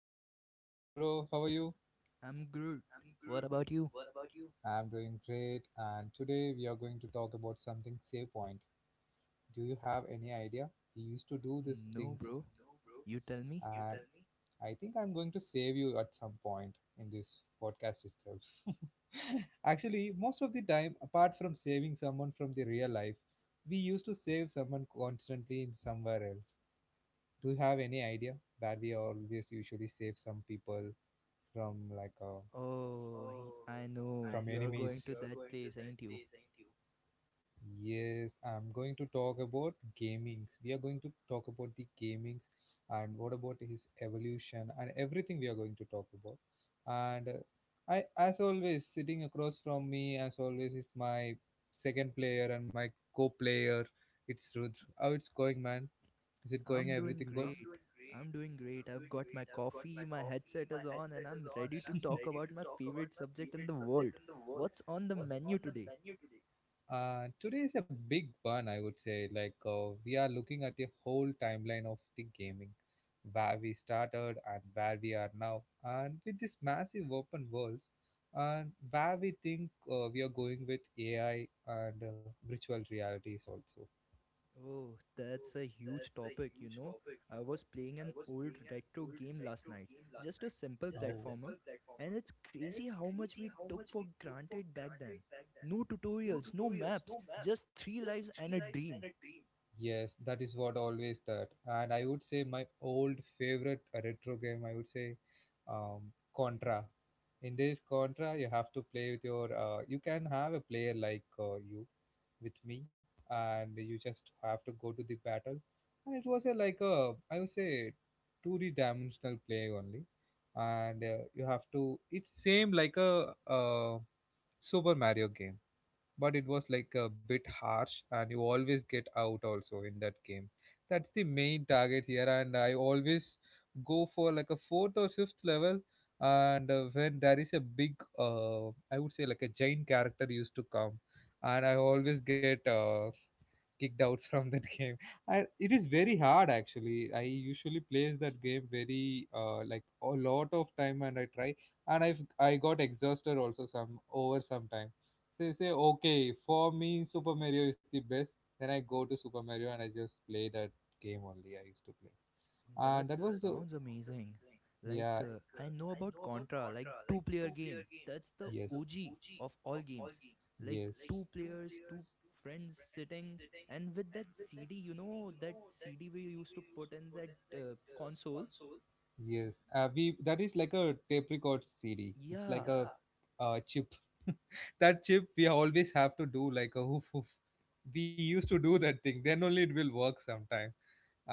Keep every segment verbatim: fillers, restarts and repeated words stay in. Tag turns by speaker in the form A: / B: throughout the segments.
A: Rudra. Hello bro, how are you?
B: I'm Groot. What about you?
A: I'm doing great and today we are going to talk about something save point. Do you have any idea? We used to do these
B: No,
A: things
B: bro. You tell me?
A: and I think I'm going to save you at some point in this podcast itself. Actually, most of the time, apart from saving someone from the real life, we used to save someone constantly in somewhere else. Do you have any idea that we always usually save some people from like uh,
B: Oh, he- I know.
A: from
B: You're
A: enemies?
B: going to that place, ain't you?
A: Yes, I'm going to talk about gaming. We are going to talk about the gaming and what about his evolution and everything we are going to talk about. And uh, I, as always, sitting across from me, as always, is my second player and my co-player. It's Rudra. How it's going, man? Is it
B: I'm
A: going?
B: doing
A: Everything good?
B: great. I'm doing great. I've got my coffee, my headset is on, and I'm ready to talk about my favorite subject in the world. What's on the menu today?
A: Uh, today is a big one, I would say. Like, uh, we are looking at the whole timeline of the gaming, where we started and where we are now, and with this massive open worlds, and where we think uh, we are going with A I and uh, virtual realities also.
B: Oh, that's a huge topic, you know. I was playing an old retro game last night, just a simple
A: Now,
B: platformer, and it's crazy how much we took for granted back then. No tutorials, no maps, just three lives and a dream.
A: yes, that is what always that. And I would say my old favorite retro game, I would say um, Contra. In this Contra, you have to play with your. Uh, you can have a player like uh, you with me, and you just have to go to the battle. And it was a like a I would say two D dimensional play only, and uh, you have to. It's same like a uh, Super Mario game, but it was like a bit harsh and you always get out also in that game. That's the main target here, and I always go for like a fourth or fifth level, and uh, when there is a big uh, I would say like a giant character used to come, and I always get uh, kicked out from that game. And it is very hard actually. I usually plays that game very uh, like a lot of time, and I try, and i i got exhausted also some over some time. Say say okay, for me Super Mario is the best. Then I go to Super Mario, and I just play that game only I used to play.
B: That
A: And that was the
B: sounds amazing. Like
A: yeah,
B: uh, I know about Contra, like two player game. That's the
A: yes,
B: O G of all games. Like
A: yes,
B: two players, two friends sitting and with that C D, you know, that C D we used to put in that uh, console.
A: yes. Uh, we, that is like a tape record cd, it's like
B: Yeah.
A: a yeah, uh, chip. That chip we always have to do like a hoof hoof, we used to do that thing then only it will work sometime.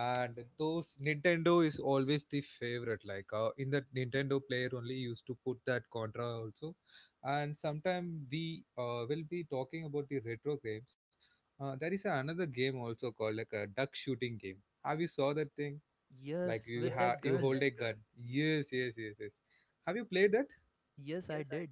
A: And those Nintendo is always the favorite, like uh, in the Nintendo player only used to put that Contra also. And sometime we uh, will be talking about the retro games. Uh, there is another game also called like a duck shooting game. Have you saw that thing, like
B: Yes,
A: you
B: with that
A: have you
B: gun.
A: hold a that gun? Yes, yes, yes, yes, have you played that?
B: Yes, I did.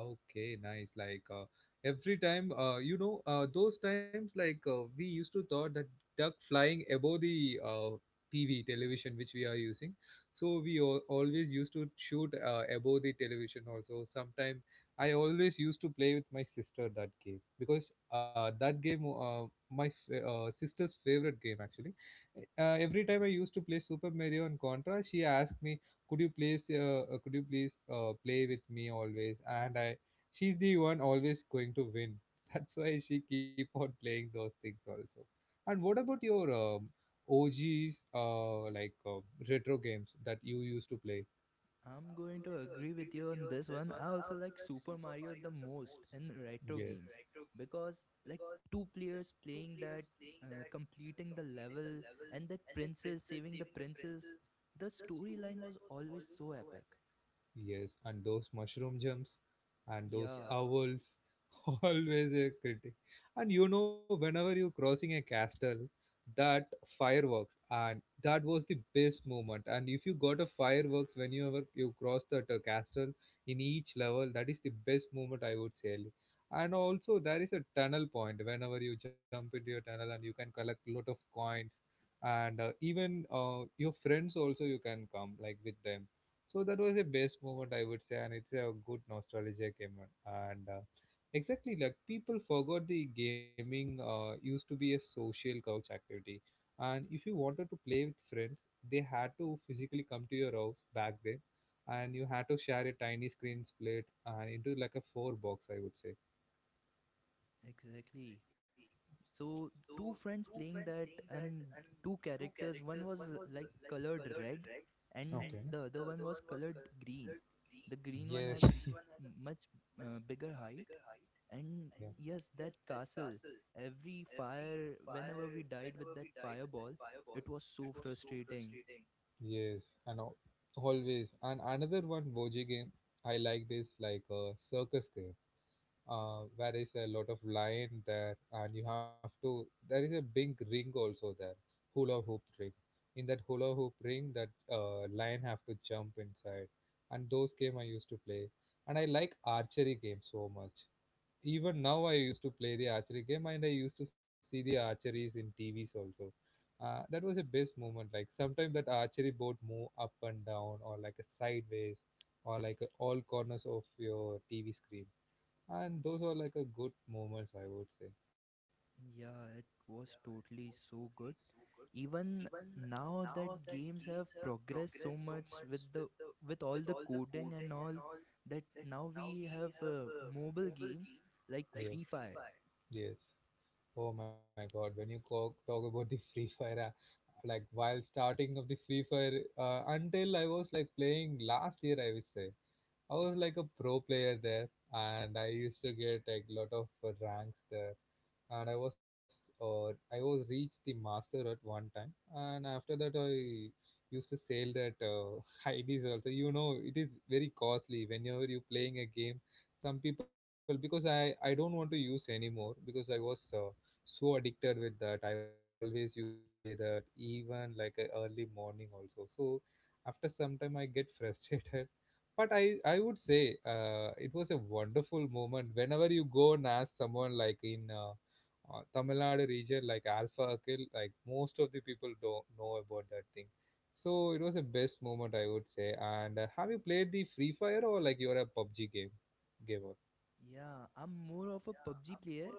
A: Okay, nice. Like uh, every time, uh, you know, uh, those times like uh, we used to thought that duck flying above the uh, T V television which we are using. So we al always used to shoot uh, above the television also. Sometime I always used to play with my sister that game, because uh, that game, uh, my f uh, sister's favorite game actually. Eh, Uh, every time I used to play Super Mario and Contra, she asked me, could you please uh, uh, could you please uh, play with me always, and I she's the one always going to win that's why she keep on playing those things also. And what about your um, OG's, uh, like uh, retro games that you used to play?
B: I'm going to agree with you on this one. I also like Super Mario the most in retro
A: Yes.
B: games because like two players playing that, uh, completing the level, and that princess saving the princess. The storyline was always so epic.
A: Yes, and those mushroom jumps and those
B: Yeah,
A: owls, always a critic. And you know, whenever you're crossing a castle, that fireworks, and that was the best moment. And if you got a fireworks when you ever you cross that uh, castle in each level, that is the best moment I would say. And also there is a tunnel point whenever you jump into your tunnel and you can collect lot of coins, and uh, even uh, your friends also you can come like with them. So that was the best moment I would say, and it's a good nostalgia game. And uh, Exactly, like people forgot the gaming uh, used to be a social couch activity, and if you wanted to play with friends, they had to physically come to your house back then, and you had to share a tiny screen split and into like a four box, I would say.
B: exactly. So two friends playing that and two characters. One was uh, like colored red, and the other one was colored green. The green one
A: Yes.
B: has a much uh, bigger height. And
A: Yeah.
B: yes, that castle, every fire, whenever we died with that fireball, it was so frustrating.
A: Yes, and al- always. And another one, Boji game I liked is like a circus game. Uh, where is a lot of line there, and you have to. There is a big ring also there, hula hoop ring. In that hula hoop ring, that uh, lion have to jump inside, and those game I used to play. And I like archery game so much. Even now, I used to play the archery game, and I used to see the archeries in T V's also. Uh, that was a best moment. Like sometimes that archery boat move up and down, or like a sideways, or like a all corners of your T V screen, and those are like a good moments I would say.
B: Yeah, it was totally so good. Even now that games have progressed so much with the with all the coding and all that, now we have uh, mobile games like Free
A: Yeah,
B: Fire.
A: yes, oh my god, when you co- talk about the Free Fire, uh, like while starting of the Free Fire, uh, until I was like playing last year I would say, I was like a pro player there, and I used to get like lot of uh, ranks there, and I was or I was reached the master at one time. And after that I used to sell that uh, IDs also, you know it is very costly whenever you're playing a game, some people, because i i don't want to use anymore, because I was uh, so addicted with that. I al- always used to play that even like a early morning also. So after some time I get frustrated. But i i would say, uh, it was a wonderful moment whenever you go and ask someone like in uh, uh, Tamil Nadu region, like alpha akil, like most of the people don't know about that thing. So it was the best moment I would say. And uh, have you played the Free Fire or like you're a PUBG game gamer?
B: Yeah, I'm more of a P U B G player.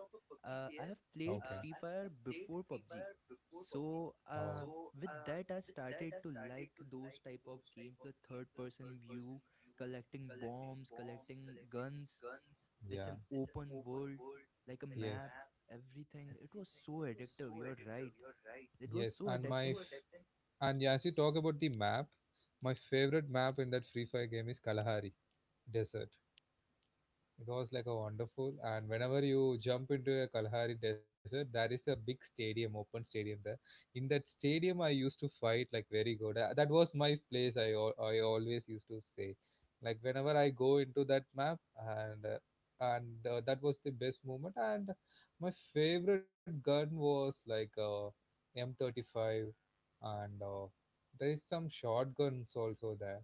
B: Uh, I have
A: Uh,
B: played
A: okay.
B: Free Fire before P U B G. So, uh,
A: Oh,
B: with that, I started to like those type of games, the third person view, collecting bombs, collecting guns. It's an
A: yeah.
B: open world, like a map,
A: Yes.
B: everything. It was so addictive. You're right. It was
A: Yes.
B: so
A: And my
B: addicting.
A: f- and yeah, as you talk about the map, my favorite map in that Free Fire game is Kalahari Desert. It was like a wonderful. And whenever you jump into a Kalahari desert, there is a big stadium, open stadium there. In that stadium, I used to fight like very good. Uh, That was my place. I al- I always used to say, like whenever I go into that map, and uh, and uh, that was the best moment. And my favorite gun was like uh, M thirty five, and uh, there is some shotguns also there,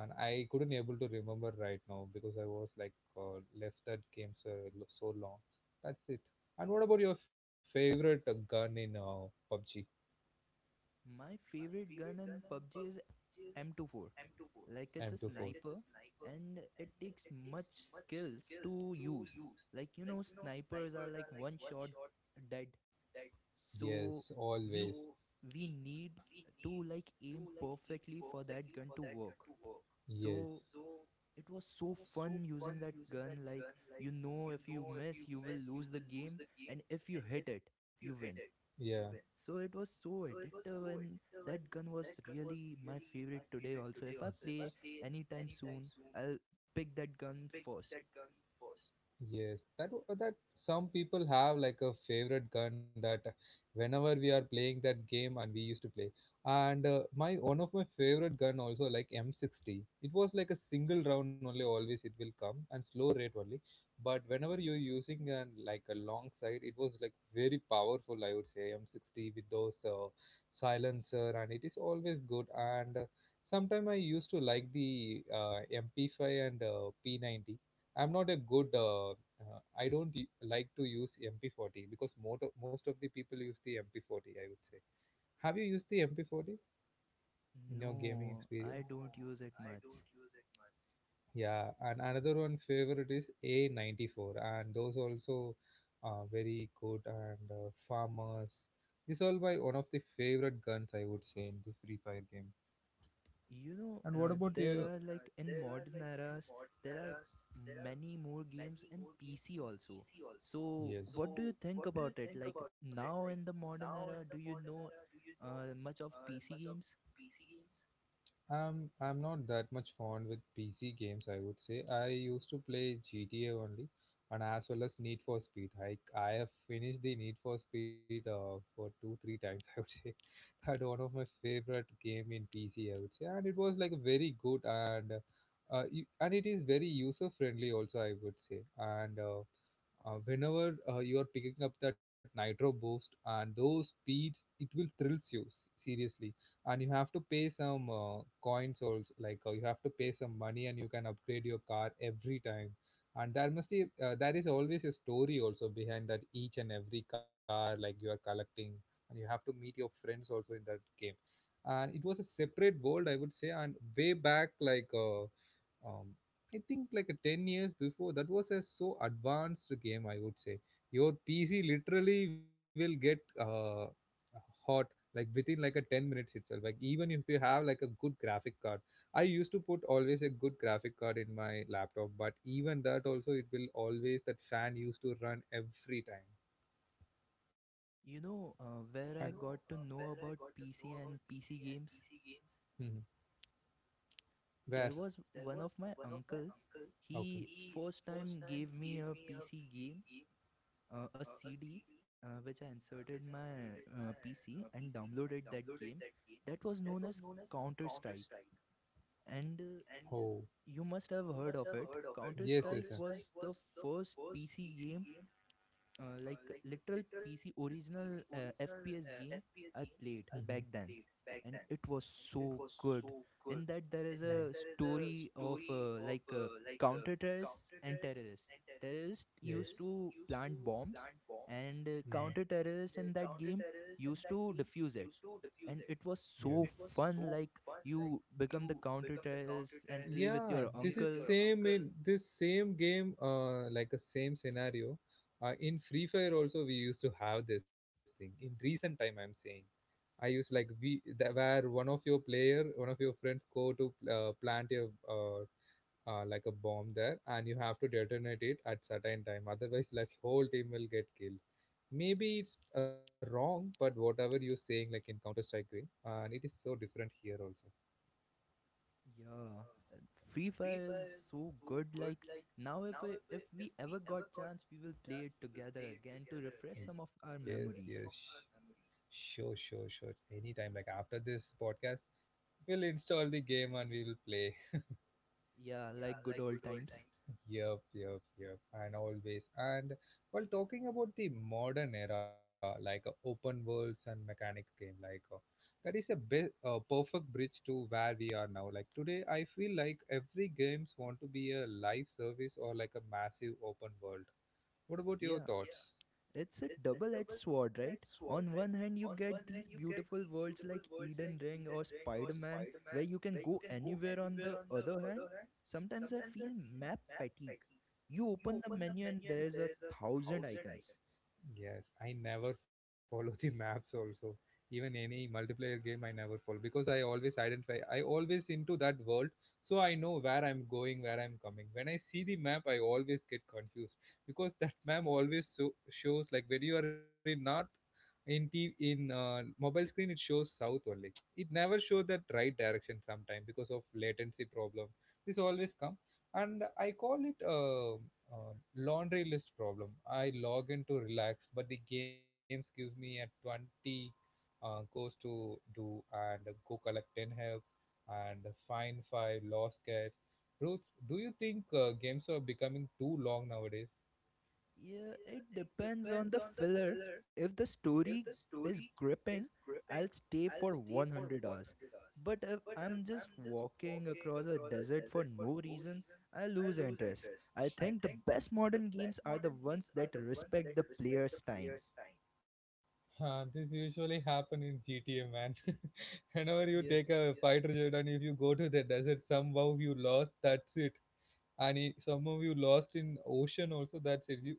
A: and I couldn't able to remember right now, because I was like uh, left that game so so long. That's it. And what about your favorite uh, gun in uh, PUBG
B: My favorite gun in P U B G is m two four. Like, it's a
A: M two four?
B: sniper
A: Two Like four. It's a
B: and
A: sniper.
B: it takes much skills to use. Like, you know, snipers are like one shot dead. So
A: Yes, always.
B: we
A: So
B: we need to like aim perfectly for that gun to work. So
A: yes, so
B: it was so fun using that gun. Like, you know, if you miss you will lose the game, and if you hit it, you win.
A: yeah, when
B: So it was so addictive, and that gun was
A: that gun was
B: really my
A: really
B: favorite today
A: big
B: also. If I
A: today also.
B: play
A: If I play
B: anytime soon, I'll pick that gun first.
A: yes, that w- that some people have like a favorite gun, that whenever we are playing that game and we used to play, and uh, my one of my favorite gun also like M sixty. It was like a single round only. Always it will come and slow rate only. But whenever you're using an like a long sight, it was like very powerful. I would say M sixty with those uh, silencer, and it is always good. And uh, Sometime I used to like the uh, M P five and uh, P ninety. I'm not a good. Uh, uh, I don't y- like to use M P forty, because most of, most of the people use the M P forty, I would say. Have you used the M P forty in your
B: No,
A: gaming experience?
B: I don't use it much.
A: Yeah, and another one favorite is A nine four, and those also are very good and uh, farmers. These all by one of the favorite guns I would say in this Free Fire game.
B: you know
A: And what
B: uh,
A: about
B: there
A: you?
B: are like in modern eras, there are many more games in pc also. So
A: Yes.
B: what do you think about it? Like, now in the modern era, do you know uh, much of pc games?
A: Um, I'm not that much fond with P C games, I would say. I used to play G T A only, and as well as Need for Speed. I I have finished the Need for Speed uh, for two three times, I would say had one of my favorite game in P C, I would say, and it was like very good and uh, you, and it is very user friendly also, I would say. And uh, uh, Whenever uh, you are picking up that nitro boost and those speeds, it will thrills you s- seriously. And you have to pay some uh, coins also, like uh, you have to pay some money, and you can upgrade your car every time. And there must be uh, there is always a story also behind that each and every car like you are collecting, and you have to meet your friends also in that game. And it was a separate world, I would say. And way back, like uh, um, I think like a ten years before, that was a so advanced game, I would say. Your PC literally will get uh, hot like within like a ten minutes itself, like even if you have like a good graphic card. I used to put always a good graphic card in my laptop, but even that also it will always that fan used to run every time.
B: You know uh, where I got to know about pc and pc games,
A: Mhm.
B: there
A: Where?
B: was one of my uncle. He
A: Okay.
B: first time gave me a pc game, uh, a cd, uh, which I inserted my uh, pc and downloaded that game. That was known as Counter Strike, and uh,
A: you Oh.
B: you must have heard of it. Counter Strike was the first pc game, uh, like literal P C original uh, F P S game I played
A: Hmm.
B: back then, and it was so good. In that, there is a story of uh, like uh, counter terrorists and terrorists. Terrorists used to plant bombs, and uh,
A: Mm.
B: counter terrorists in that game used to defuse it. And it was
A: and
B: so
A: yeah.
B: fun. Like, you become the counter terrorist and play with
A: Yeah,
B: your
A: and this is
B: uncle.
A: same in this same game, uh, like a same scenario. Uh, in Free Fire also we used to have this thing. In recent time, I'm saying I use like we the, where one of your player, one of your friends go to uh, plant a uh, uh, like a bomb there, and you have to detonate it at certain time, otherwise like whole team will get killed. Maybe it's uh, wrong, but whatever you're saying like in counter strike green, and it is so different here also.
B: Yeah, uh, Free Fire is so good. Like, now, if we, if we ever got chance, we will play it together again to refresh some of
A: Yes,
B: our
A: yes.
B: memories.
A: Sure, sure, sure. Anytime, like after this podcast we'll install the game and we'll play.
B: Yeah, like good old times.
A: Yep, yep, yep, and always. And while talking about the modern era, like uh, open worlds and mechanics game, like uh, that is a be- uh, perfect bridge to where we are now. Like today, I feel like every games want to be a live service or like a massive open world. What about your Yeah.
B: Yeah,
A: thoughts?
B: it's a double-edged sword, right? On one hand, you get these beautiful worlds like Eden Ring or Spider-Man, where you can go anywhere. On the other hand, sometimes I feel map fatigue. You open the menu and there's a thousand icons.
A: Yes, I never follow the maps also. Even any multiplayer game I never follow, because I always identify, I always into that world, so I know where I'm going, where I'm coming. When I see the map I always get confused, because that map always so, shows like when you are in north, in T, in uh, mobile screen it shows south only. It never shows that right direction sometime because of latency problem. This always come, and I call it uh, uh, laundry list problem. I log in to relax, but the games give me a twenty uh, goes to do and go collect ten helps and find five lost cats. Ruth, do you think uh, games are becoming too long nowadays?
B: Yeah, it depends on the filler. If the story is gripping, I'll stay for one hundred hours. But if I'm just walking across a desert for no reason, I lose interest. I think the best modern games are the ones that respect the player's time.
A: Uh, this usually happen in G T A, man. Whenever you take
B: Yes.
A: a fighter jet and if you go to the desert, somehow you lost, that's it. And he, some of you lost in ocean also, that's it. You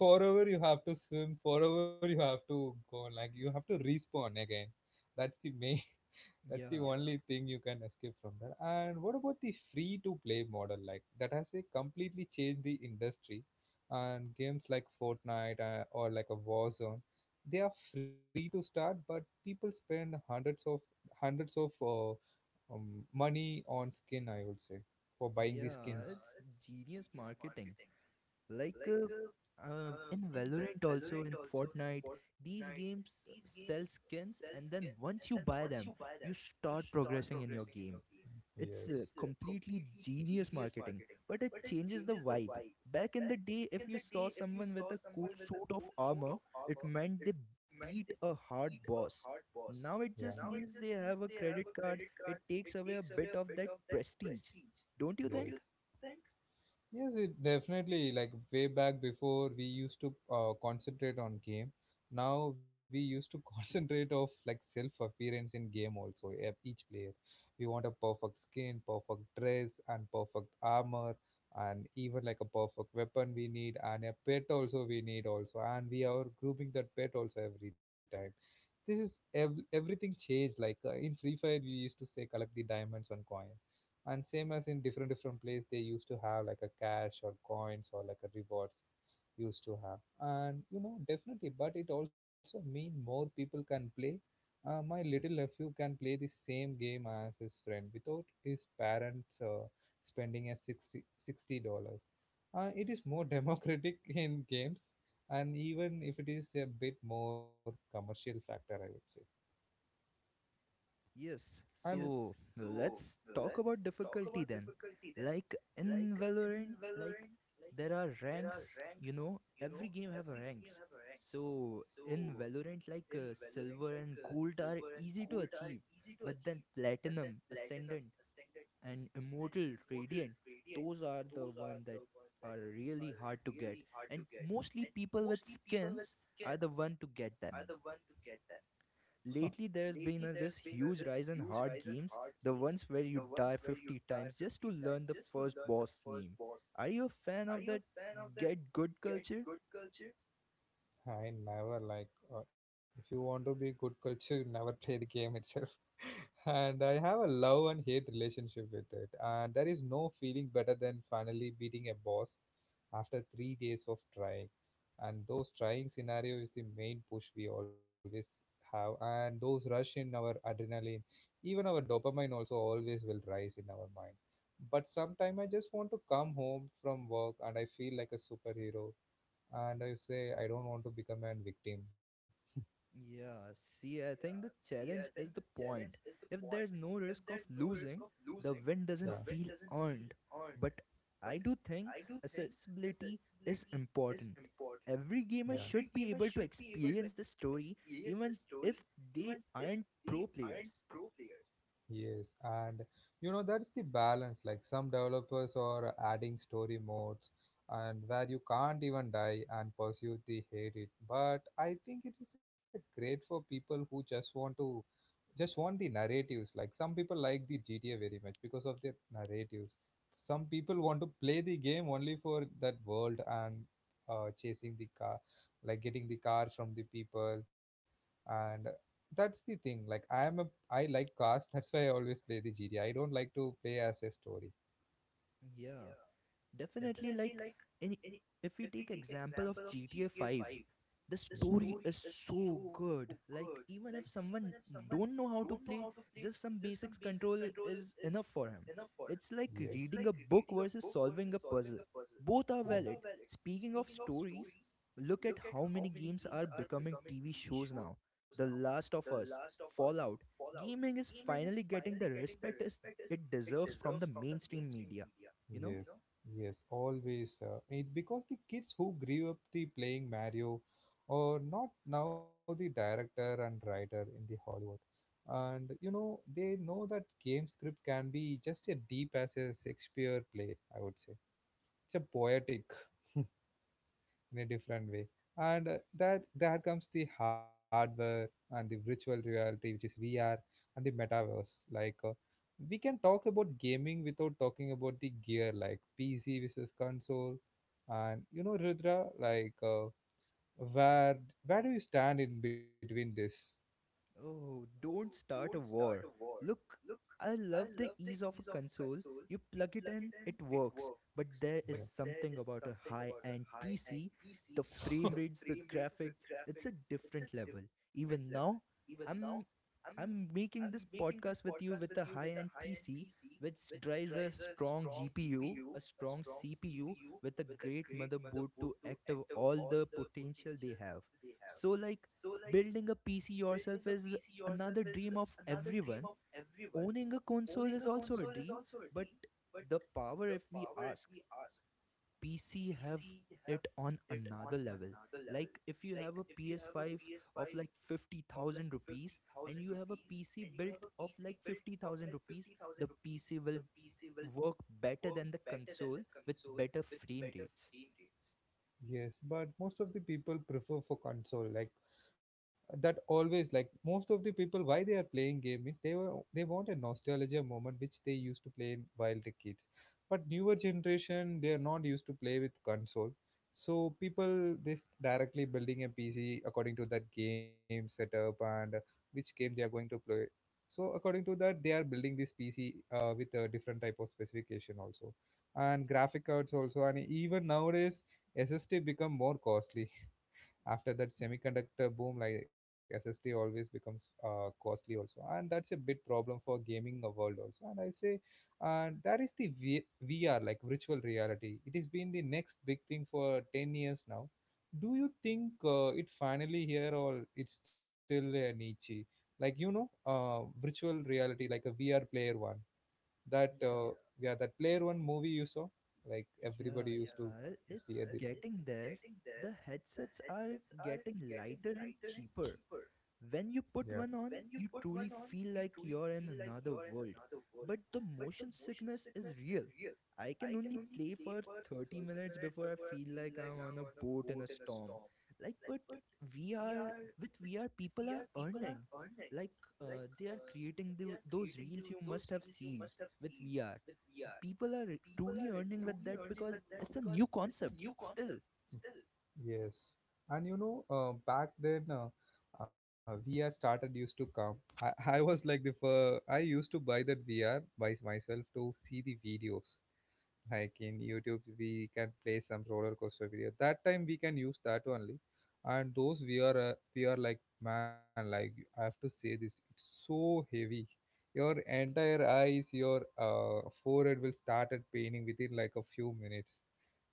A: forever you have to swim, forever you have to go, like you have to respawn again. That's the main, that's the
B: Yeah.
A: only thing you can escape from that. And what about the free to play model? Like that has they completely changed the industry, and games like fortnite uh, or like a warzone, they are free to start but people spend hundreds of hundreds of uh, um, money on skin, I would say, for buying the
B: Yeah,
A: skins.
B: it's genius marketing. like uh, uh, in Valorant also, in Fortnite, these games sell skins, and then once you buy them, you start progressing in your game. It's uh,
A: Yes.
B: completely genius marketing, but it changes the vibe. Back in the day, if you saw someone with a cool suit of armor, it meant they beat a hard boss. Now
A: Yeah.
B: it just means they have a credit card. It takes away a bit of that prestige, don't you think?
A: Yes, it definitely like way back before we used to uh, concentrate on game. Now we used to concentrate of like self appearance in game also. e- Each player, we want a perfect skin, perfect dress, and perfect armor, and even like a perfect weapon we need, and a pet also we need also, and we are grooming that pet also every time. This is ev- everything changed. Like uh, in Free Fire, we used to say collect the diamonds on coins, and same as in different different place they used to have like a cash or coins or like a rewards used to have. And you know definitely, but it also mean more people can play. Uh, my little nephew can play the same game as his friend without his parents uh, spending a sixty sixty dollars. Uh, it is more democratic in games, and even if it is a bit more commercial factor, I would say.
B: Yes,
A: And
B: so let's talk about difficulty then. Like in Valorant, like there are ranks, you know, every game have ranks. So in Valorant, like uh, silver and gold are easy to achieve, but then platinum, ascendant, and immortal, radiant, those are the one that are really hard to get. And mostly people with skins are the one to get them. Lately, there's been a, this huge rise in hard games, the ones where you die fifty times just to learn the first boss name. Are you a fan of that get good culture?
A: I never like uh, if you want to be good culture, you never play the game itself. And I have a love and hate relationship with it. And there is no feeling better than finally beating a boss after three days of trying. And those trying scenario is the main push we always have. And those rush in our adrenaline, even our dopamine also always will rise in our mind. But sometime I just want to come home from work and I feel like a superhero and I say I don't want to become a victim.
B: Yeah, see, I think the challenge is the point. If there's no risk of losing, the win doesn't
A: Yeah,
B: feel earned. But I do think accessibility is important. Every gamer should be
A: yeah.
B: able to experience the story even if they aren't pro players.
A: Yes, and you know that's the balance. Like some developers are adding story modes and where you can't even die and pursue the hate it. But I think it is a great for people who just want to just want the narratives. Like some people like the G T A very much because of their narratives. Some people want to play the game only for that world, and uh, chasing the car, like getting the car from the people, and that's the thing. Like I am a I like cars. That's why I always play the G T A. I don't like to play as a story.
B: Yeah. Definitely, like in, if we take example of G T A five, the story is
A: Yeah.
B: so good. Like, even if someone don't know how to play, just some basics control is enough for him. It's like
A: Yes.
B: reading a book versus solving a puzzle. Both are valid.
A: Yeah.
B: Speaking of stories, look at how many games are becoming T V shows now. The Last of Us, Fallout. Gaming is finally getting the respect as it deserves from the mainstream media. You
A: you
B: know?
A: Yes, know. Yes, always. Uh, it, because the kids who grew up the playing Mario are not now the director and writer in the Hollywood, and you know they know that game script can be just as deep as a Shakespeare play, I would say. It's a poetic. In a different way. And uh, that there comes the hardware and the virtual reality, which is V R, and the metaverse. Like uh, we can talk about gaming without talking about the gear, like P C versus console. And you know, Rudra, like uh, where where do you stand in between this?
B: Oh, don't start a war. Look, I love the ease of a console. You plug it in, it works. But there is something about a high end P C: the frame rates, the graphics, it's a different level. Even now, I'm I'm making this podcast with you with a high end P C, which drives a strong G P U, a strong C P U with a great motherboard to active all the potential they have. So like, building a P C yourself is another dream of everyone. Owning a console is also a dream, but the power, if we ask, P C have it on another level. Like, if you have a P S five of like fifty thousand rupees and you have a P C built of like fifty thousand rupees, the P C will work better than the console with better frame rates.
A: Yes, but most of the people prefer for console. Like that always like most of the people why they are playing game is they were they want a nostalgia moment which they used to play while the kids, but newer generation they are not used to play with console. So people they s- directly building a pc according to that game setup, and uh, which game they are going to play, so according to that they are building this pc uh, with a different type of specification also, and graphic cards also. And even nowadays ssd become more costly after that semiconductor boom. Like ssd always becomes uh, costly also, and that's a big problem for gaming uh, world also, and I say. And that is the v- vr, like virtual reality, it has been the next big thing for ten years now. Do you think uh, it finally here or it's still a niche? Like you know uh, virtual reality, like a vr player one, that uh,
B: Yeah.
A: yeah, that player one movie you saw, like everybody
B: Yeah,
A: used to
B: yeah, it- it's
A: hear the,
B: getting there. The headsets are getting lighter and cheaper. When
A: yeah.
B: you put one on, you truly feel like you're in another world. But the motion sickness is real. I can only play for thirty minutes before I feel like I'm on a boat in a storm. Like, but V R, with V R, people are earning. Like, uh, they are creating the, those reels you must have seen with V R. People are truly earning with that because it's a new concept still.
A: Yes, and you know, uh, back then, uh, uh, V R started used to come. I, I was like the fir- I used to buy that V R by myself to see the videos, like in youtube we can play some roller coaster video, that time we can use that only. And those we are uh, we are like, man, like I have to say this, it's so heavy. Your entire eyes, your uh, forehead will started paining within like a few minutes.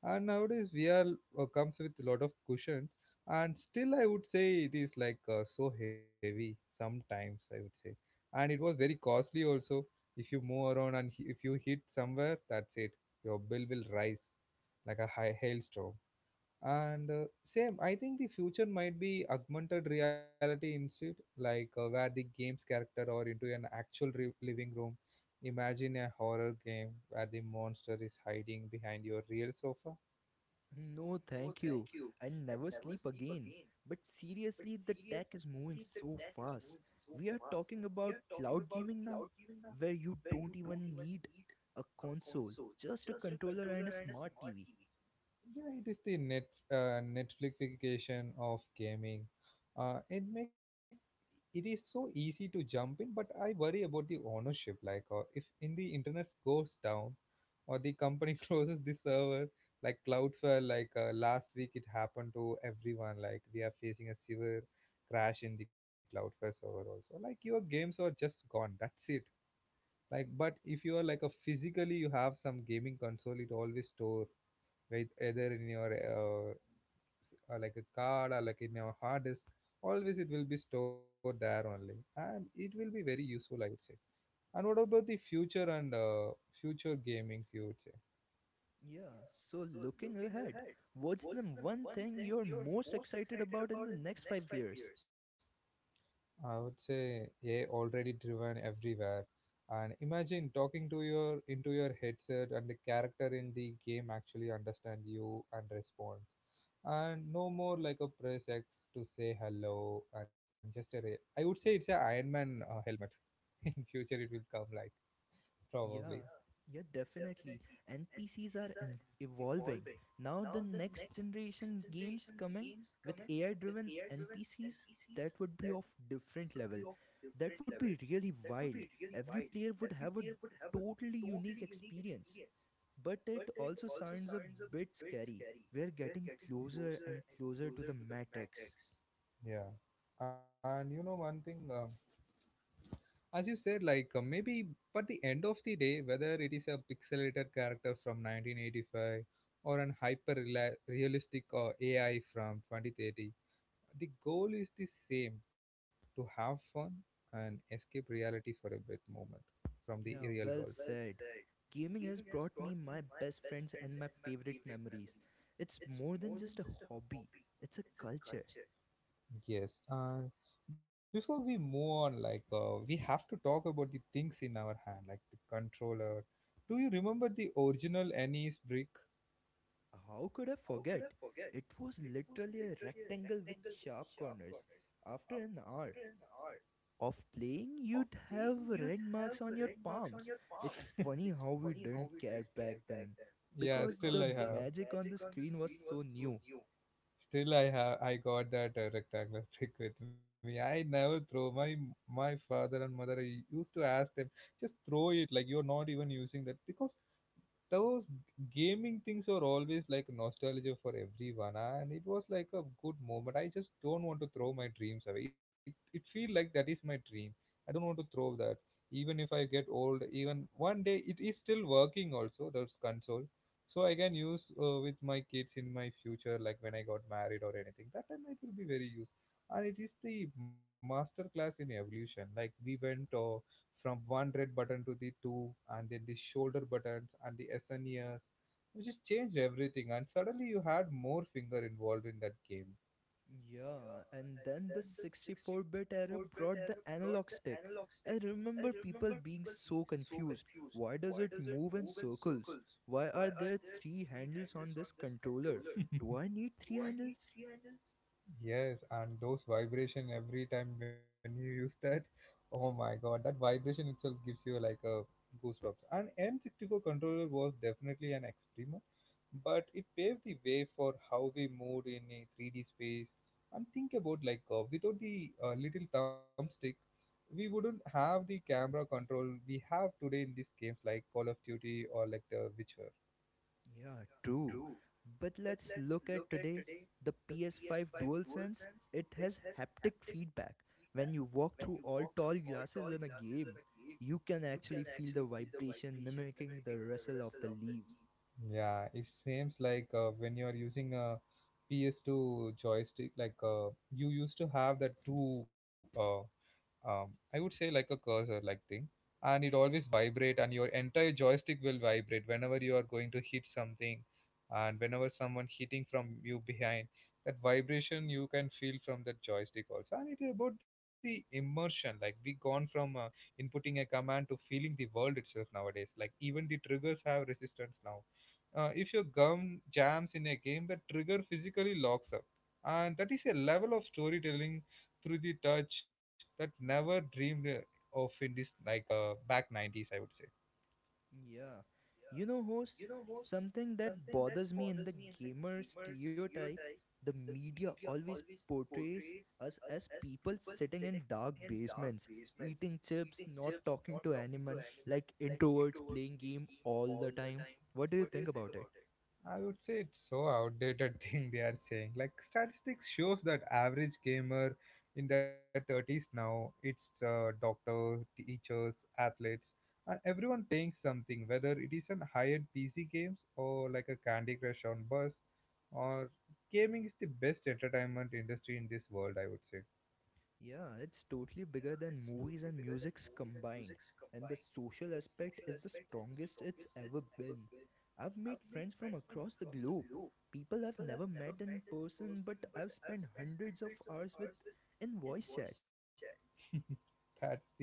A: And nowadays vr uh, comes with a lot of cushions, and still I would say it is like uh, so heavy sometimes, I would say. And it was very costly also. If you move around and hi- if you hit somewhere, that's it, your bill will rise like a high hailstorm. And uh, same, I think the future might be augmented reality instead, like uh, where the game's character or into an actual re- living room. Imagine a horror game where the monster is hiding behind your real sofa.
B: No, thank you. I will never sleep again. But seriously, the tech is moving so fast. We are talking about cloud gaming now, where you don't even need a console, just a controller and a smart T V.
A: Yeah, it is the net uh, Netflixification of gaming. Uh, it make it is so easy to jump in, but I worry about the ownership. Like, uh, if in the internet goes down, or the company closes the server, like Cloudflare, like uh, last week it happened to everyone. Like we are facing a severe crash in the Cloudflare server also. Like your games are just gone. That's it. Like, but if you are like a physically you have some gaming console, it always store with either in your uh, s- uh, like a card or like in your hard disk, always it will be stored there only, and it will be very useful, I would say. And what about the future and uh, future gamings, you would say?
B: Yeah, so looking ahead, what's the one thing you're most excited about in the next five years?
A: I would say A I already driven everywhere, and imagine talking to your into your headset, and the character in the game actually understand you and respond. And no more like a press X to say hello, and just a ra- I would say it's a Iron Man uh, helmet. In future it will come, like,
B: Yeah,
A: probably.
B: yeah, definitely. N P Cs are en- evolving. Now, the next generation games coming with A I driven N P Cs, that would be of different level. That would be really wild. Every player would have a totally unique experience. But it also sounds a bit scary. We're getting closer and closer to the Matrix.
A: Yeah, and you know one thing, uh, as you said like uh, maybe, but the end of the day, whether it is a pixelated character from nineteen eighty-five or an hyper rela- realistic uh, A I from twenty thirty, the goal is the same, to have fun and escape reality for a bit moment from the
B: Yeah,
A: real
B: well
A: world.
B: said. Gaming has brought me my best friends and my favorite memories. It's more than just a hobby, it's a culture.
A: Yes, and before we move on, like uh, we have to talk about the things in our hand, like the controller. Do you remember the original N E S brick?
B: How could I forget? It was literally a rectangle with sharp corners. After an hour of playing, you'd have red marks on your palms. It's funny how we didn't care back then
A: Yeah,
B: because
A: still
B: the
A: I have.
B: magic on the screen was so new.
A: Still I have. I got that uh, rectangular brick with me. I never throw. My my father and mother, I used to ask them, just throw it. Like, you're not even using that, because those gaming things are always like nostalgia for everyone, and it was like a good moment. I just don't want to throw my dreams away, it, it feel like that is my dream. I don't want to throw that. Even if I get old, even one day it is still working also, those console, so I can use uh, with my kids in my future, like when I got married or anything, that time it will be very used. And it is the master class in evolution, like we went uh, from one red button to the two, and then the shoulder buttons and the SN SNES, which just changed everything. And suddenly you had more finger involved in that game.
B: Yeah, and then the sixty-four bit era brought the analog stick. I remember people being so confused. Why does it move in circles? Why are there three handles on this controller? Do I need three handles?
A: Yes, and those vibration every time when you use that, oh my god, that vibration itself gives you like a goosebumps. And N sixty-four controller was definitely an experiment, but it paved the way for how we moved in a three D space. And think about like uh, without the uh, little thumbstick, we wouldn't have the camera control we have today in these games like Call of Duty or like The Witcher.
B: Yeah, true. But let's look at today, the P S five DualSense. It has haptic feedback. When you walk through all tall glasses in a game, you can actually feel the vibration mimicking the rustle of the leaves.
A: Yeah, it seems like uh, when you are using a P S two joystick, like uh, you used to have the two, uh, um, I would say like a cursor like thing, and it always vibrate, and your entire joystick will vibrate whenever you are going to hit something, and whenever someone hitting from you behind, that vibration you can feel from that joystick also. And it is about the immersion, like we gone from uh, inputting a command to feeling the world itself nowadays, like even the triggers have resistance now. Uh, if your gum jams in a game, the trigger physically locks up, and that is a level of storytelling through the touch that never dreamed uh, of in this, like uh, back nineties, I would say.
B: Yeah. You know, host, something that bothers me in the gamer stereotype, the media always portrays us as people sitting in dark basements, eating chips, not talking to anyone, like introverts playing game all the time. What do you think about it?
A: I would say it's so outdated thing they are saying, like statistics shows that average gamer in their thirties now, it's uh, doctors, teachers, athletes, and everyone playing something, whether it is an high-end PC games or like a Candy Crush on bus, or gaming is the best entertainment industry in this world, I would say.
B: Yeah, it's totally bigger than movies and musics combined, and the social aspect is the strongest it's ever been. I've made friends from across the globe, people I've never met in person, but I've spent hundreds of hours with in voice chat.
A: That's the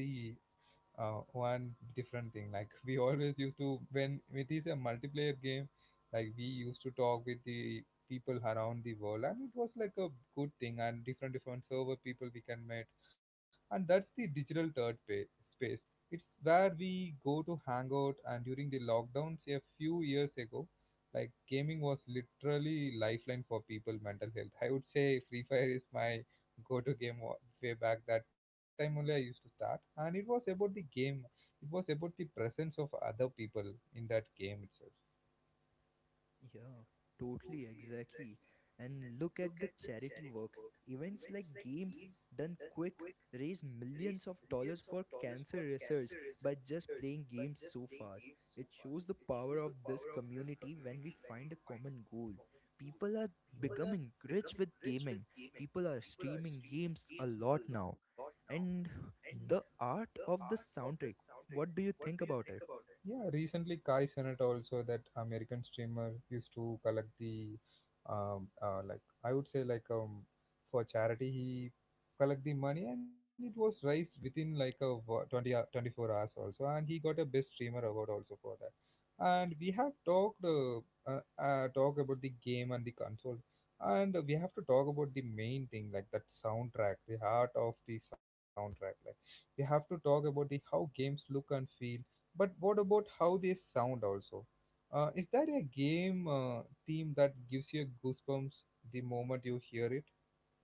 A: uh, one different thing. Like, we always used to, when it is a multiplayer game, like we used to talk with the people around the world, and it was like a good thing. And different different server people we can meet, and that's the digital third pa- space. It's where we go to hang out. And during the lockdowns a few years ago, like gaming was literally lifeline for people mental health. I would say Free Fire is my go-to game, wa- way back that time only I used to start, and it was about the game. It was about the presence of other people in that game itself.
B: Yeah, totally, exactly. And look at the charity work. Events like games done quick raise millions of dollars for cancer research by just playing games so fast. It shows the power of this community when we find a common goal. People are
A: Yeah. Yes.
B: becoming rich with gaming. People are streaming games a lot now. And the art of the soundtrack, what do you think about it?
A: Yeah, recently Kai Cenat also, that American streamer used to collect the um uh, like I would say like um for charity, he collect the money, and it was raised within like a wo- 20 hou- twenty-four hours also, and he got a best streamer award also for that. And we have talked uh, uh, uh, talk about the game and the console, and we have to talk about the main thing, like that soundtrack, the heart of the soundtrack. Like, we have to talk about the how games look and feel, but what about how they sound also? Uh, is there a game uh, theme that gives you goosebumps the moment you hear it?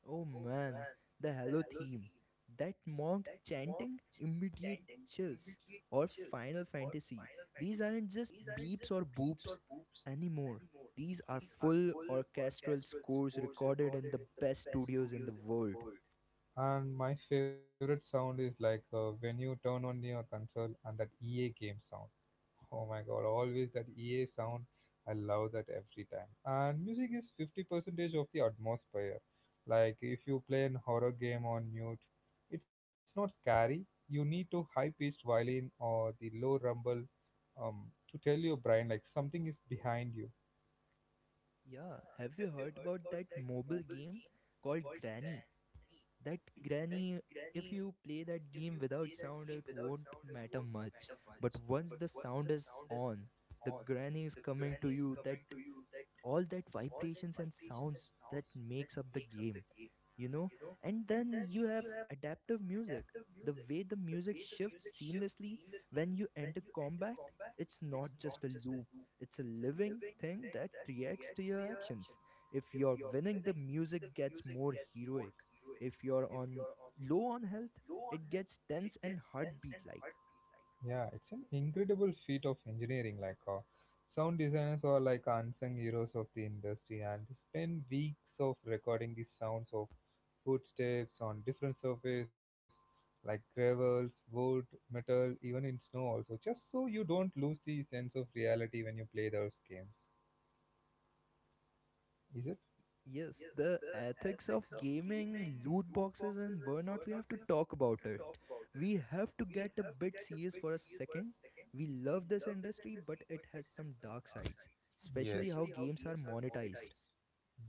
B: Oh man, the Halo theme. That monk chanting immediate chills. Or Final Fantasy. These aren't just beeps or boops anymore. These are full orchestral scores recorded in the best studios in the world.
A: And my favorite sound is like uh, when you turn on your console and that E A game sound. Oh my god, always that E A sound. I love that every time. And music is fifty percent of the atmosphere. Like, if you play an horror game on mute, it's not scary. You need to high pitched violin or the low rumble, um, to tell you, Brian, like something is behind you.
B: Yeah, have you heard about that mobile game called Granny? That Granny, if you play that game without sound, it won't matter much. But once the sound is on, the granny is coming to you, that all that vibrations and sounds that makes up the game, you know. And then you have adaptive music, the way the music shifts seamlessly when you enter combat. It's not just a loop, it's a living thing that reacts to your actions. If you're winning, the music gets more heroic. If you're on low on health, it gets tense and heartbeat like.
A: Yeah, it's an incredible feat of engineering. Like, uh, sound designers are like unsung heroes of the industry, and they spend weeks of recording the sounds of footsteps on different surface, like gravels, wood, metal, even in snow also, just so you don't lose the sense of reality when you play those games. Is it?
B: Yes, the ethics of gaming, loot boxes, and burnout, we have to talk about it. We have to get a bit serious for a second. We love this industry, but it has some dark sides, especially
A: Yes.
B: how games are monetized.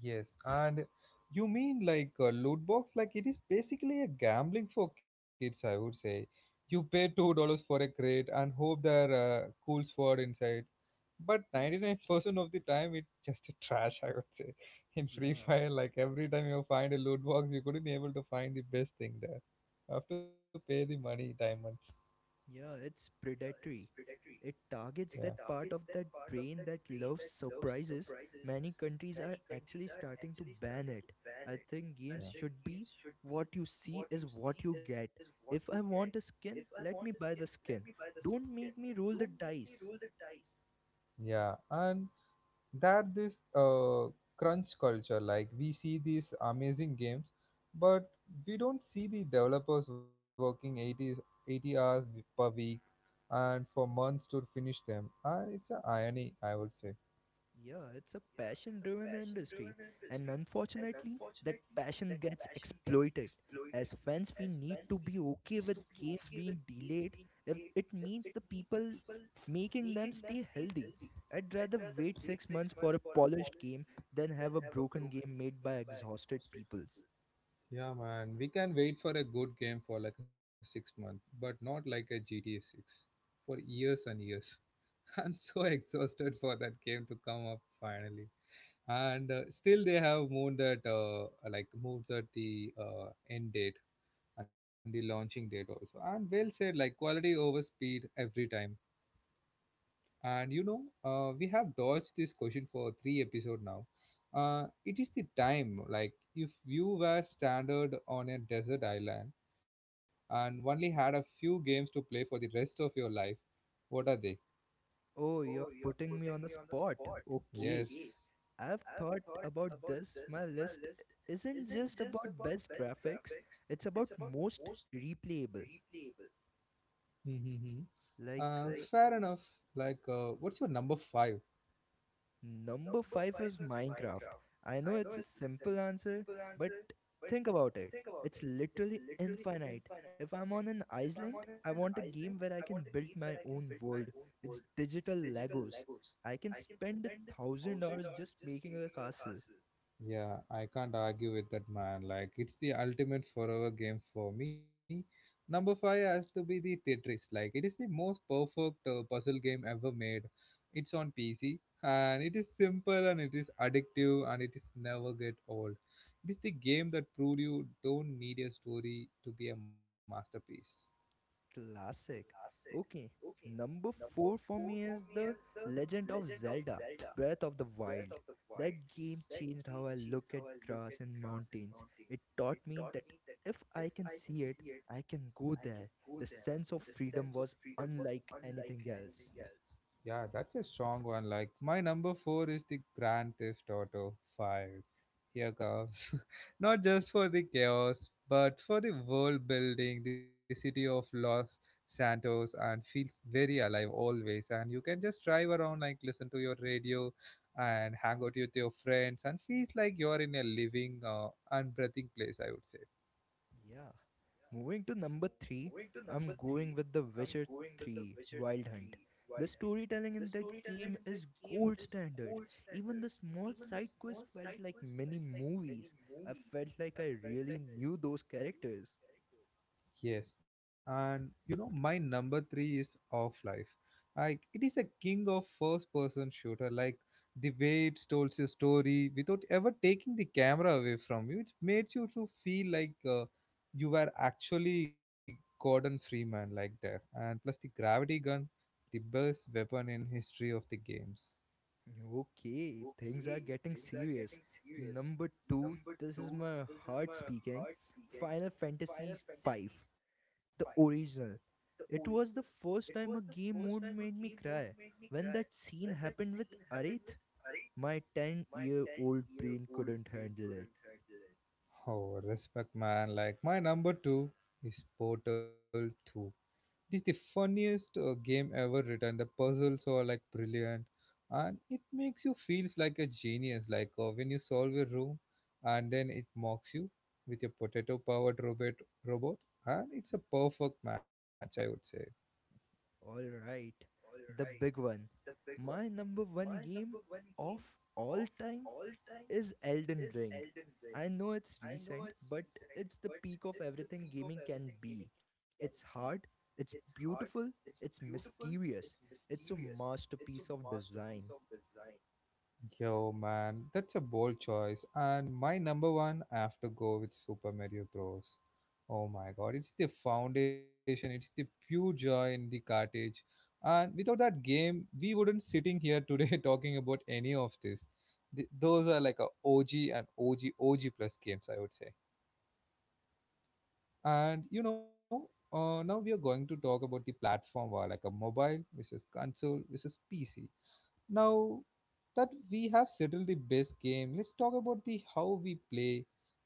A: Yes, and you mean like a loot box? Like, it is basically a gambling for kids, I would say. You pay two dollars for a crate and hope there uh, cool sword inside. But ninety nine percent of the time, it's just a trash, I would say. In Free
B: Yeah.
A: Fire, like every time you find a loot box, you couldn't able to find the best thing there. You have to pay the money, diamonds.
B: Yeah, it's predatory. It targets
A: Yeah,
B: that part of that brain that loves surprises. Many countries are actually starting to ban it. I think games
A: yeah,
B: should be what you see is what you get. If I want a skin, let me buy the skin. Don't make me roll the dice.
A: yeah. And that this uh, crunch culture, like we see these amazing games, but we don't see the developers working eighty eighty hours w- per week and for months to finish them, and it's a irony, I would say.
B: Yeah, it's a passion driven industry, and unfortunately, that passion gets exploited. As fans, we need to be okay with games being delayed if it means the people making them stay healthy. I'd rather wait six months for a polished game than have a broken game made by exhausted peoples.
A: Yeah, man, we can wait for a good game for like a six month, but not like a G T A six for years and years. I'm so exhausted for that game to come up finally, and uh, still they have moved that uh, like moved that the uh, end date, and the launching date also. And well said, like quality over speed every time. And you know, uh, we have dodged this question for three episode now. Uh, it is the time, like if you were stranded on a desert island and only had a few games to play for the rest of your life, what are they?
B: Oh, you're putting me on the spot. Okay,
A: Yes.
B: I've thought about this. My list isn't just about best graphics, it's about most replayable.
A: Mm-hmm.
B: Like
A: Uh,
B: uh,
A: Fair enough. Like, uh, what's your number five?
B: Number five is Minecraft. I know it's a simple answer, but think about it. It's literally infinite. If I'm on an island, I want a game where I can build my own world. It's digital Legos. I can spend a thousand hours just making a castle.
A: Yeah, I can't argue with that, man. Like, it's the ultimate forever game for me. Number five has to be the Tetris. Like, it is the most perfect uh, puzzle game ever made. It's on P C, and it is simple and it is addictive and it is never get old. It is the game that proved you don't need a story to be a masterpiece.
B: Classic. Okay. Number four for me is The Legend of Zelda Breath of the Wild. That game changed how I look at grass and mountains. It taught me that if I can see it, I can go there. The sense of freedom was unlike anything else.
A: Yeah, that's a strong one. Like, my number four is the Grand Theft Auto five. Here comes. Not just for the chaos, but for the world building. The city of Los Santos and feels very alive always. And you can just drive around, like listen to your radio and hang out with your friends, and feels like you're in a living uh, and breathing place, I would say.
B: Yeah. Moving to number three, I'm going with The Witcher three Wild Hunt. The storytelling in that game is gold standard. Even the small side quests felt like mini movies. I felt like I really knew those characters.
A: Yes, and you know my number three is Off Life. Like, it is a king of first-person shooter. Like, the way it told your story without ever taking the camera away from you, it made you to feel like uh, you were actually Gordon Freeman like that. And plus the gravity gun, the best weapon in history of the games.
B: Okay, things are getting serious. Number two, this is my heart speaking Final Fantasy V. the original. It was the first time a game mode made me cry. When that scene happened with Arith, my ten year old brain couldn't handle it.
A: Oh, respect, man! Like, my number two is Portal Two. It is the funniest uh, game ever written. The puzzles are like brilliant, and it makes you feel like a genius. Like, uh, when you solve a room, and then it mocks you with a potato-powered robot, Robot, and it's a perfect match, I would say.
B: Alright, the big one. My number one game of all time is Elden Ring. I know it's recent, but it's the peak of everything gaming can be. It's hard, it's beautiful, it's mysterious, it's a masterpiece of design.
A: Yo, man, that's a bold choice. And my number one, I have to go with Super Mario Bros. Oh my god, it's the foundation, it's the pure joy in the cartridge. And without that game, we wouldn't sitting here today talking about any of this. Th- those are like a O G and OG O G plus games, I would say. And you know, uh, now we are going to talk about the platform war, like a mobile versus console versus P C. Now that we have settled the base game, let's talk about the how we play.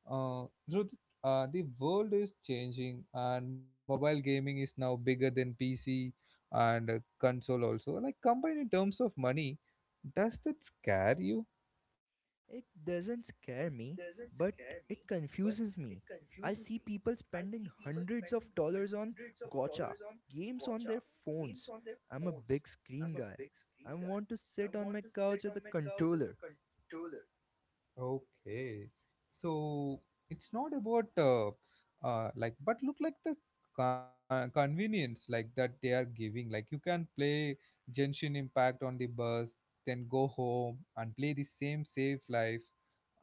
A: Uh, Ruth, uh, the world is changing, and mobile gaming is now bigger than P C and uh, console also, like combined in terms of money. Does that scare you?
B: It doesn't scare me, but it confuses me. I see people spending hundreds of dollars on gotcha games on their phones. I'm a big screen guy. I want to sit on my couch with a controller.
A: Okay, so it's not about uh, uh, like, but look, like the con- convenience, like that they are giving. Like, you can play Genshin Impact on the bus, then go home and play the same safe life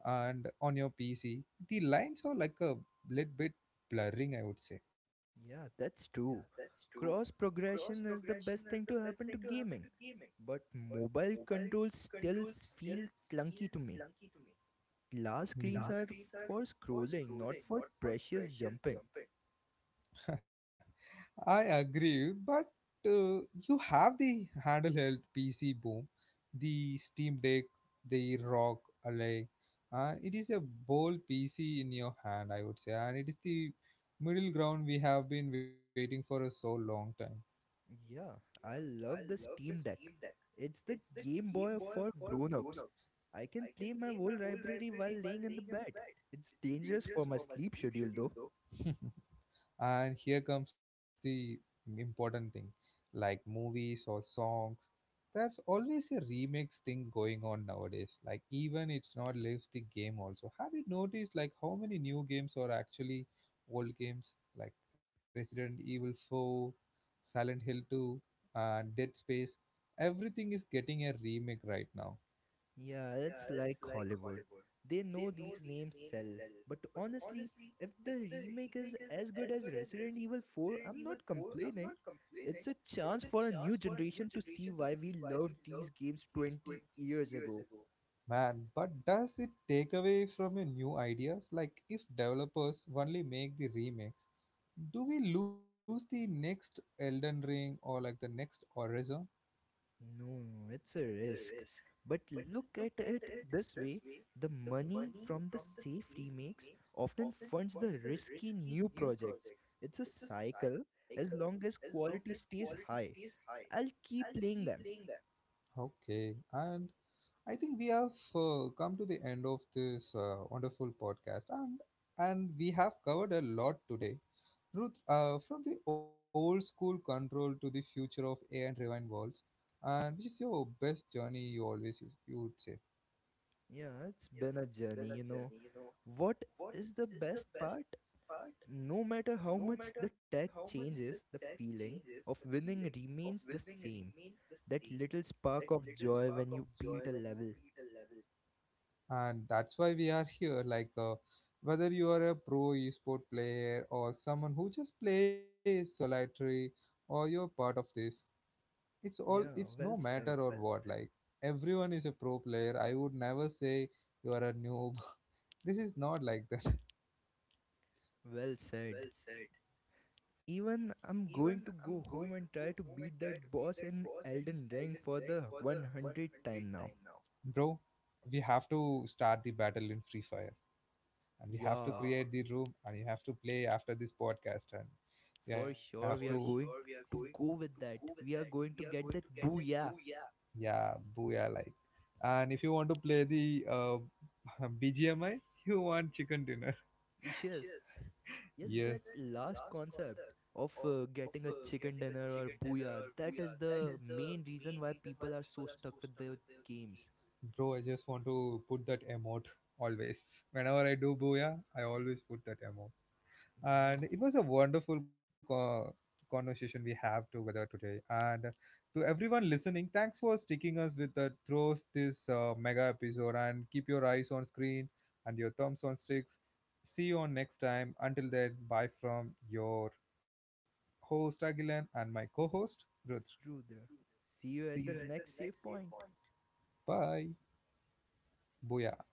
A: and on your P C. The lines are like a little bit blurring, I would say.
B: Yeah, that's true. Cross progression is the best thing to happen to gaming. But mobile controls still s- feel clunky to me. Glass screens are for scrolling, not for precious jumping.
A: Are I agree, but uh, you have the handle held P C boom, the Steam Deck, the Rock Ally. Uh, it is a bold P C in your hand, I would say, and it is the middle ground we have been waiting for a so long time.
B: Yeah, I love the Steam Deck. It's the Game Boy for grown-ups. I can play my whole library while laying in the bed. It's dangerous for my sleep schedule though.
A: And here comes the important thing, like movies or songs, there's always a remix thing going on nowadays. Like, even it's not lives the game, also. Have you noticed like how many new games are actually old games like Resident Evil four, Silent Hill two, and Dead Space? Everything is getting a remake right now.
B: Yeah, it's like Hollywood. They know these names sell. But honestly, if the remake is as good as Resident Evil four, I'm not complaining. It's a chance for a new generation to see why we loved these games twenty years ago.
A: Man, but does it take away from your new ideas? Like, if developers only make the remakes, do we lose the next Elden Ring or like the next Horizon?
B: No, it's a risk. But look at it this way, the money from the safe remakes often funds the risky new projects. It's a cycle as long as quality stays high. I'll keep playing them.
A: Okay, and I think we have uh, come to the end of this uh, wonderful podcast, and and we have covered a lot today. Ruth, uh, from the old school control to the future of A I and driven worlds, and which is your best journey you always use, you would say?
B: Yeah, it's been a journey, you know. What is the best part? No matter how much the tech changes, the feeling of winning remains the same. That little spark of joy when you beat a level.
A: And that's why we are here, like uh, whether you are a pro esport player or someone who just plays solitary, or you're part of this, it's all,
B: Yeah,
A: it's no
B: well
A: matter
B: said.
A: or what, like, everyone is a pro player, I would never say you are a noob. This is not like that.
B: Well said. Even I'm going to go home and try to beat that boss in Elden Ring for the hundredth time now.
A: Bro, we have to start the battle in Free Fire, and we have to
B: Yeah,
A: create the room, and you have to play after this podcast, and you have
B: for
A: to.
B: sure we are going to go with that. We are going to get that booyah.
A: Yeah, booyah like. And if you want to play the uh, B G M I, you want chicken dinner.
B: Yes. Yes,
A: Yes.
B: that last concept of uh, getting a chicken dinner or booyah, that is the main reason why people are so stuck with their games.
A: Bro, I just want to put that emote always. Whenever I do booyah, I always put that emote.
B: Yeah,
A: And it was a wonderful co- conversation we have together today. And to everyone listening, thanks for sticking us with the through this uh, mega episode. And keep your eyes on screen and your thumbs on sticks. See you on next time. Until then, bye from your host Agilan and my co-host Rudra.
B: Rudra. See
A: See
B: you
A: you
B: at the
A: at the
B: next
A: next
B: save
A: save
B: point.
A: point. Bye. Booyah.